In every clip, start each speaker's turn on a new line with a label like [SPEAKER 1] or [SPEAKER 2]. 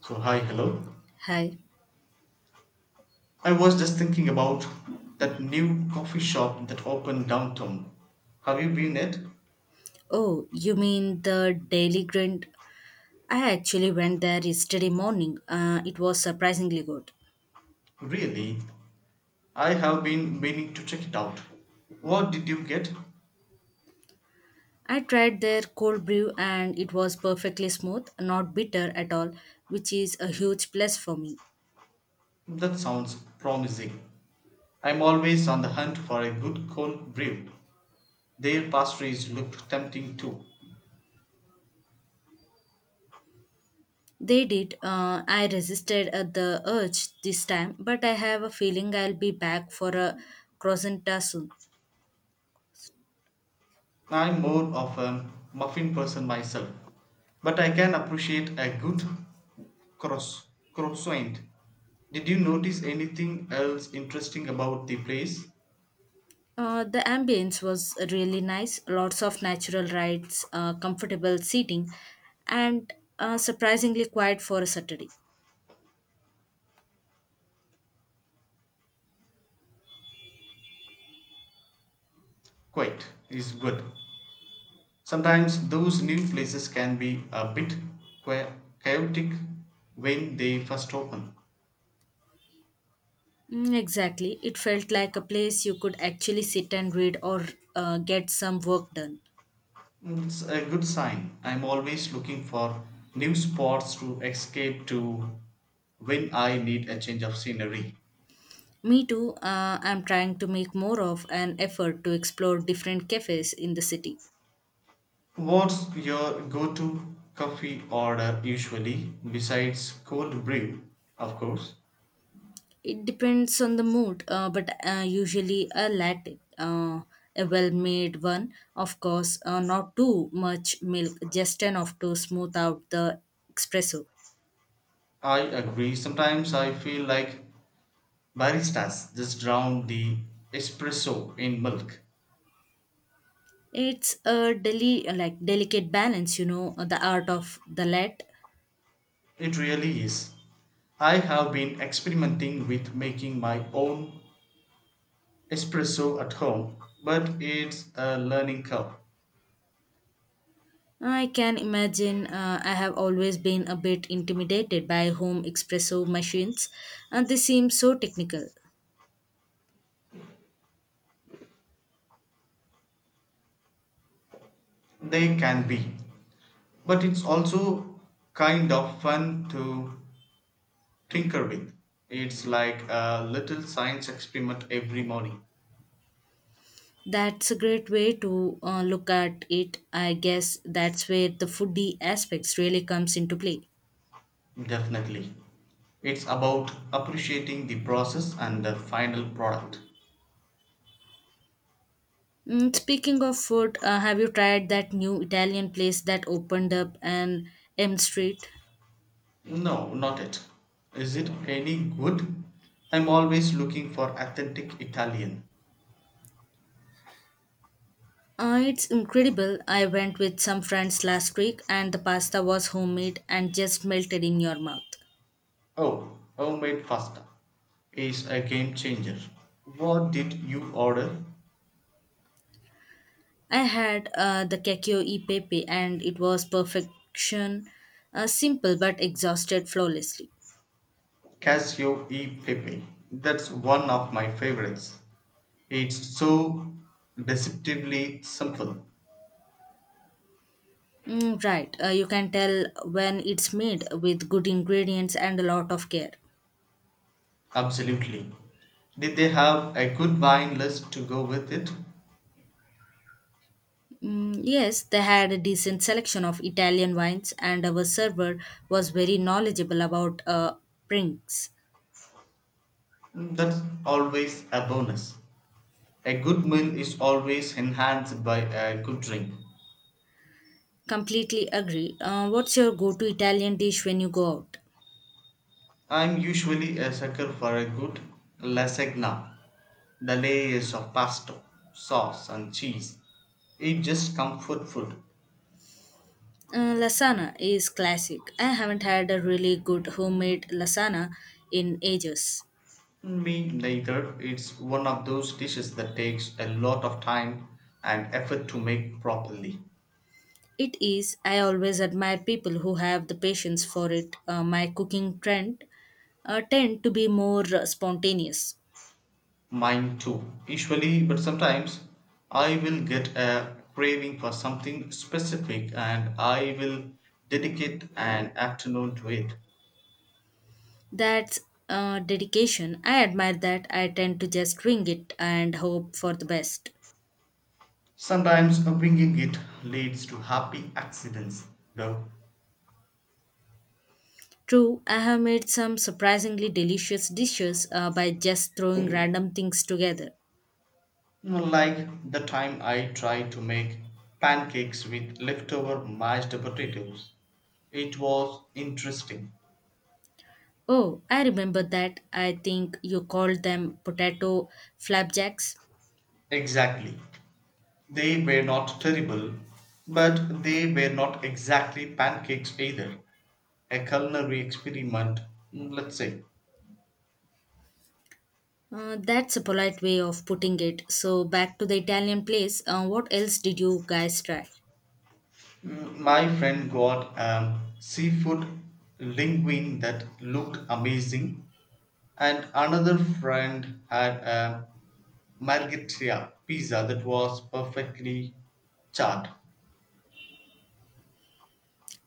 [SPEAKER 1] So hi, hello.
[SPEAKER 2] Hi.
[SPEAKER 1] I was just thinking about that new coffee shop that opened downtown. Have you been it?
[SPEAKER 2] Oh, you mean the Daily Grind? I actually went there yesterday morning. It was surprisingly good.
[SPEAKER 1] Really? I have been meaning to check it out. What did you get?
[SPEAKER 2] I tried their cold brew and it was perfectly smooth, not bitter at all, which is a huge plus for me.
[SPEAKER 1] That sounds promising. I'm always on the hunt for a good cold brew. Their pastries looked tempting too.
[SPEAKER 2] They did. I resisted at the urge this time, but I have a feeling I'll be back for a croissant soon.
[SPEAKER 1] I'm more of a muffin person myself, but I can appreciate a good Cross Crossoint. Did you notice anything else interesting about the place?
[SPEAKER 2] The ambience was really nice. Lots of natural rides, comfortable seating, and surprisingly quiet for a Saturday.
[SPEAKER 1] Quite is good. Sometimes those new places can be a bit qua- chaotic when they first open.
[SPEAKER 2] Mm, exactly. It felt like a place you could actually sit and read or get some work done.
[SPEAKER 1] It's a good sign. I'm always looking for new spots to escape to when I need a change of scenery.
[SPEAKER 2] Me too. I'm trying to make more of an effort to explore different cafes in the city.
[SPEAKER 1] What's your go to coffee order usually, besides cold brew, of course?
[SPEAKER 2] It depends on the mood, but usually a latte, a well-made one, of course, not too much milk, just enough to smooth out the espresso.
[SPEAKER 1] I agree. Sometimes I feel like baristas just drown the espresso in milk.
[SPEAKER 2] It's a like delicate balance, you know, the art of the latte.
[SPEAKER 1] It really is. I have been experimenting with making my own espresso at home, but it's a learning curve.
[SPEAKER 2] I can imagine I have always been a bit intimidated by home espresso machines, and they seem so technical.
[SPEAKER 1] They can be. But it's also kind of fun to tinker with. It's like a little science experiment every morning.
[SPEAKER 2] That's a great way to look at it. I guess that's where the foodie aspects really comes into play.
[SPEAKER 1] Definitely. It's about appreciating the process and the final product.
[SPEAKER 2] Mm, speaking of food, have you tried that new Italian place that opened up on M Street?
[SPEAKER 1] No, not it. Is it any good? I'm always looking for authentic Italian.
[SPEAKER 2] It's incredible. I went with some friends last week, and the pasta was homemade and just melted in your mouth.
[SPEAKER 1] Oh, homemade pasta is a game changer. What did you order?
[SPEAKER 2] I had the Kekio e Pepe, and it was perfection, simple but exhausted flawlessly.
[SPEAKER 1] Casio e pepe. That's one of my favorites. It's so deceptively simple.
[SPEAKER 2] Mm, right. You can tell when it's made with good ingredients and a lot of care.
[SPEAKER 1] Absolutely. Did they have a good wine list to go with it?
[SPEAKER 2] Mm, yes, they had a decent selection of Italian wines, and our server was very knowledgeable about drinks.
[SPEAKER 1] Mm, that's always a bonus. A good meal is always enhanced by a good drink.
[SPEAKER 2] Completely agree. What's your go to Italian dish when you go out?
[SPEAKER 1] I'm usually a sucker for a good lasagna. The layers of pasta, sauce, and cheese. It's just comfort food.
[SPEAKER 2] Lasagna is classic. I haven't had a really good homemade lasagna in ages.
[SPEAKER 1] Me neither. It's one of those dishes that takes a lot of time and effort to make properly.
[SPEAKER 2] It is. I always admire people who have the patience for it. My cooking trend tend to be more spontaneous.
[SPEAKER 1] Mine too. Usually, but sometimes I will get a craving for something specific and I will dedicate an afternoon to it.
[SPEAKER 2] That's Dedication. I admire that. I tend to just wing it and hope for the best.
[SPEAKER 1] Sometimes bringing it leads to happy accidents, though.
[SPEAKER 2] True, I have made some surprisingly delicious dishes by just throwing random things together.
[SPEAKER 1] Like the time I tried to make pancakes with leftover mashed potatoes. It was interesting.
[SPEAKER 2] Oh, I remember that. I think you called them potato flapjacks.
[SPEAKER 1] Exactly. They were not terrible, but they were not exactly pancakes either. A culinary experiment. Mm, let's say.
[SPEAKER 2] That's a polite way of putting it. So, back to the Italian place, what else did you guys try?
[SPEAKER 1] Mm, my friend got seafood linguine that looked amazing, and another friend had a margherita pizza that was perfectly charred.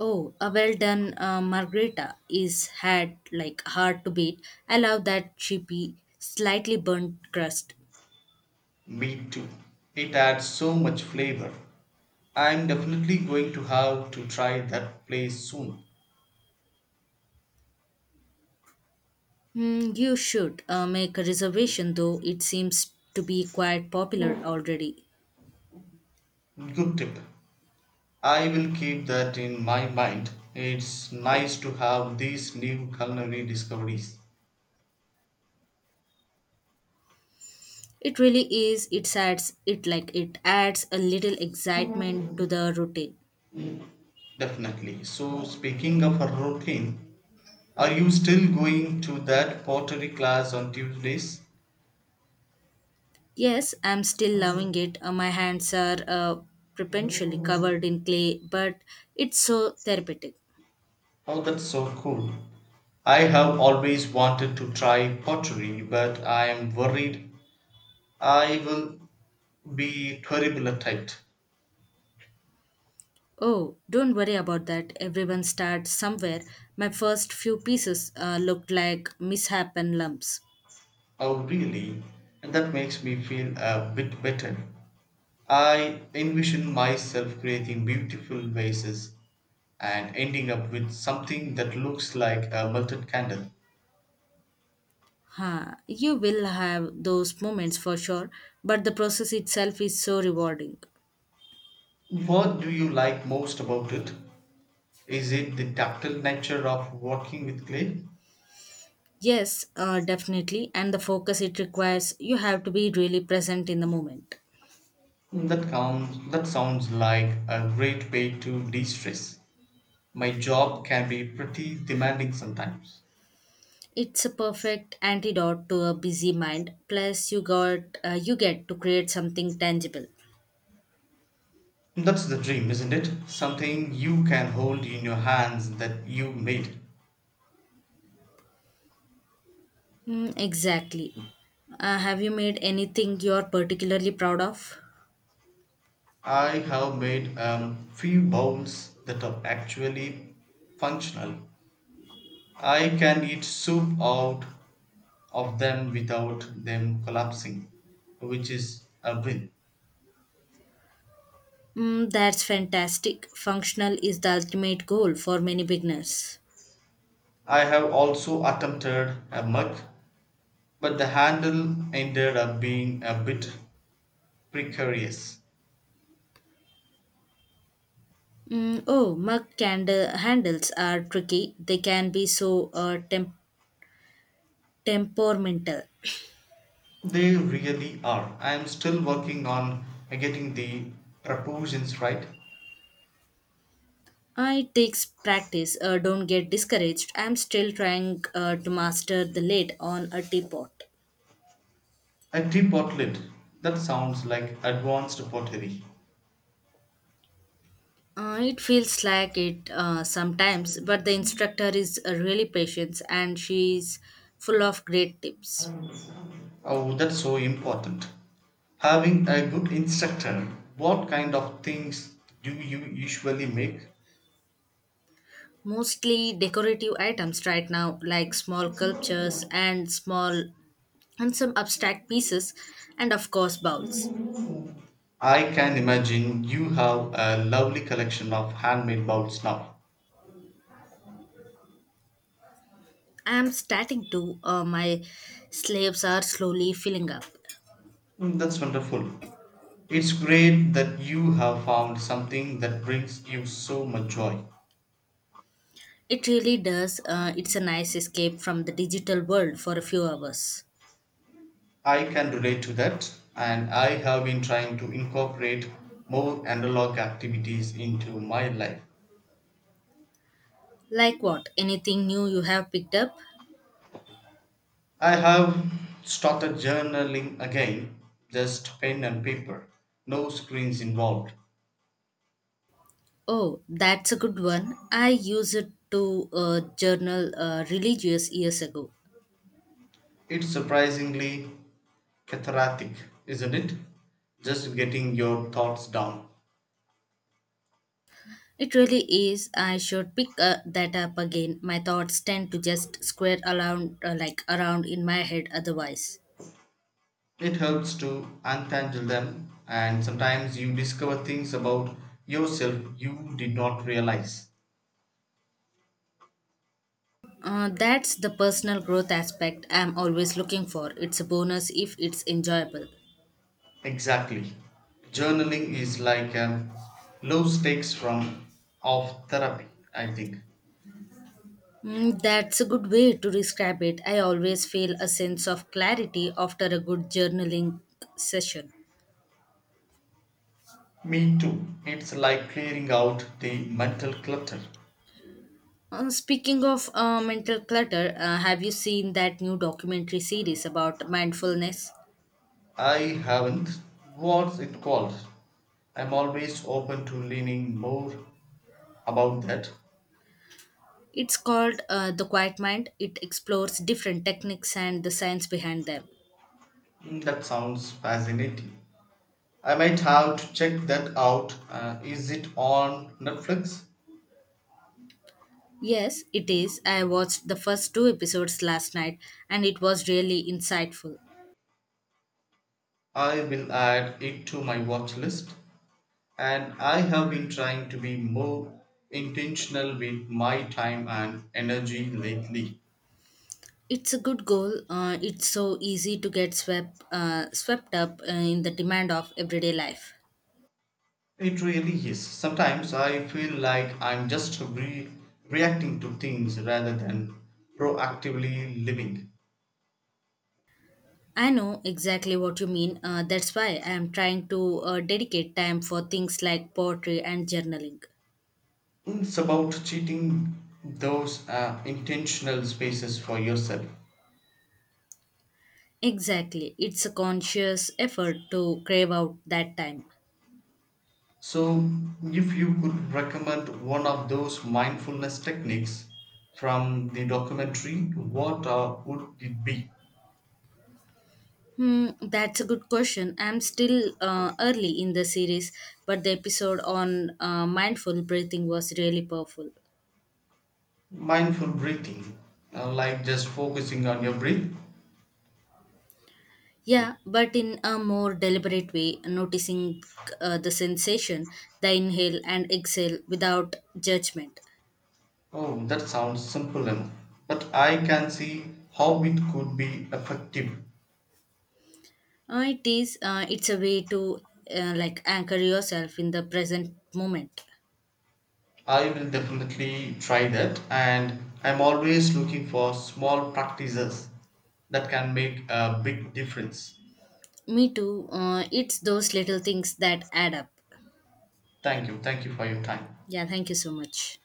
[SPEAKER 2] Oh, a well done margherita is had like hard to beat. I love that chippy, slightly burnt crust.
[SPEAKER 1] Me too. It had so much flavor. I'm definitely going to have to try that place soon.
[SPEAKER 2] Hmm, you should make a reservation though, it seems to be quite popular already.
[SPEAKER 1] Good tip. I will keep that in my mind. It's nice to have these new culinary discoveries.
[SPEAKER 2] It really is. It adds a little excitement to the routine.
[SPEAKER 1] Definitely. So, speaking of a routine, are you still going to that pottery class on Tuesdays?
[SPEAKER 2] Yes, I'm still loving it. My hands are perpetually
[SPEAKER 1] Oh,
[SPEAKER 2] covered in clay, but it's so therapeutic.
[SPEAKER 1] that's so cool. I have always wanted to try pottery, but I am worried I will be terrible at it.
[SPEAKER 2] Oh, don't worry about that. Everyone starts somewhere. My first few pieces looked like mishap and lumps.
[SPEAKER 1] Oh, really? That makes me feel a bit better. I envision myself creating beautiful vases and ending up with something that looks like a melted candle.
[SPEAKER 2] Huh. You will have those moments for sure, but the process itself is so rewarding.
[SPEAKER 1] What do you like most about it? Is it the tactile nature of working with clay?
[SPEAKER 2] Yes, definitely. And the focus it requires, you have to be really present in the moment.
[SPEAKER 1] That counts, that sounds like a great way to de-stress. My job can be pretty demanding sometimes.
[SPEAKER 2] It's a perfect antidote to a busy mind. Plus, you get to create something tangible.
[SPEAKER 1] That's the dream, isn't it? Something you can hold in your hands that you made.
[SPEAKER 2] Mm, exactly. Have you made anything you're particularly proud of?
[SPEAKER 1] I have made a few bowls that are actually functional. I can eat soup out of them without them collapsing, which is a win.
[SPEAKER 2] Mm, that's fantastic. Functional is the ultimate goal for many beginners.
[SPEAKER 1] I have also attempted a mug, but the handle ended up being a bit precarious.
[SPEAKER 2] Mm, oh, mug candle handles are tricky. They can be so temperamental.
[SPEAKER 1] They really are. I am still working on getting the proportions right.
[SPEAKER 2] It takes practice. Don't get discouraged. I'm still trying to master the lid on a teapot.
[SPEAKER 1] A teapot lid. That sounds like advanced pottery.
[SPEAKER 2] It feels like it sometimes, but the instructor is really patient and she's full of great tips.
[SPEAKER 1] Oh, that's so important. Having a good instructor, what kind of things do you usually make?
[SPEAKER 2] Mostly decorative items right now, like small sculptures and small and some abstract pieces, and of course bowls.
[SPEAKER 1] I can imagine you have a lovely collection of handmade bowls now.
[SPEAKER 2] I am starting to, my slaves are slowly filling up.
[SPEAKER 1] Mm, that's wonderful. It's great that you have found something that brings you so much joy.
[SPEAKER 2] It really does. It's a nice escape from the digital world for a few hours.
[SPEAKER 1] I can relate to that, and I have been trying to incorporate more analog activities into my life.
[SPEAKER 2] Like what? Anything new you have picked up?
[SPEAKER 1] I have started journaling again, just pen and paper, no screens involved.
[SPEAKER 2] Oh, that's a good one. I use it to journal religious years ago.
[SPEAKER 1] It's surprisingly cathartic, isn't it? Just getting your thoughts down.
[SPEAKER 2] It really is. I should pick that up again. My thoughts tend to just square around, like around in my head. Otherwise,
[SPEAKER 1] It helps to untangle them, and sometimes you discover things about yourself you did not realize.
[SPEAKER 2] uh, that's the personal growth aspect I'm always looking for. It's a bonus if it's enjoyable.
[SPEAKER 1] Exactly. Journaling is like a low stakes form of therapy, I think.
[SPEAKER 2] Mm, that's a good way to describe it. I always feel a sense of clarity after a good journaling session.
[SPEAKER 1] Me too. It's like clearing out the mental clutter.
[SPEAKER 2] Speaking of mental clutter, have you seen that new documentary series about mindfulness?
[SPEAKER 1] I haven't. What's it called? I'm always open to learning more about that.
[SPEAKER 2] It's called The Quiet Mind. It explores different techniques and the science behind them.
[SPEAKER 1] Mm, that sounds fascinating. I might have to check that out. Is it on Netflix?
[SPEAKER 2] Yes, it is. I watched the first two episodes last night and it was really insightful.
[SPEAKER 1] I will add it to my watch list. And I have been trying to be more intentional with my time and energy lately.
[SPEAKER 2] It's a good goal. It's so easy to get swept up in the demand of everyday life.
[SPEAKER 1] It really is. Sometimes I feel like I'm just reacting to things rather than proactively living.
[SPEAKER 2] I know exactly what you mean. That's why I am trying to dedicate time for things like poetry and journaling.
[SPEAKER 1] It's about cheating those intentional spaces for yourself.
[SPEAKER 2] Exactly. It's a conscious effort to crave out that time.
[SPEAKER 1] So, if you could recommend one of those mindfulness techniques from the documentary, what would it be?
[SPEAKER 2] Hmm, that's a good question. I'm still early in the series, but the episode on mindful breathing was really powerful.
[SPEAKER 1] Mindful breathing, like just focusing on your breath.
[SPEAKER 2] Yeah, but in a more deliberate way, noticing the sensation, the inhale and exhale without judgment.
[SPEAKER 1] Oh, that sounds simple enough, but I can see how it could be effective.
[SPEAKER 2] It is. It's a way to like anchor yourself in the present moment.
[SPEAKER 1] I will definitely try that, and I'm always looking for small practices that can make a big difference.
[SPEAKER 2] Me too. It's those little things that add up.
[SPEAKER 1] Thank you. Thank you for your time.
[SPEAKER 2] Yeah. Thank you so much.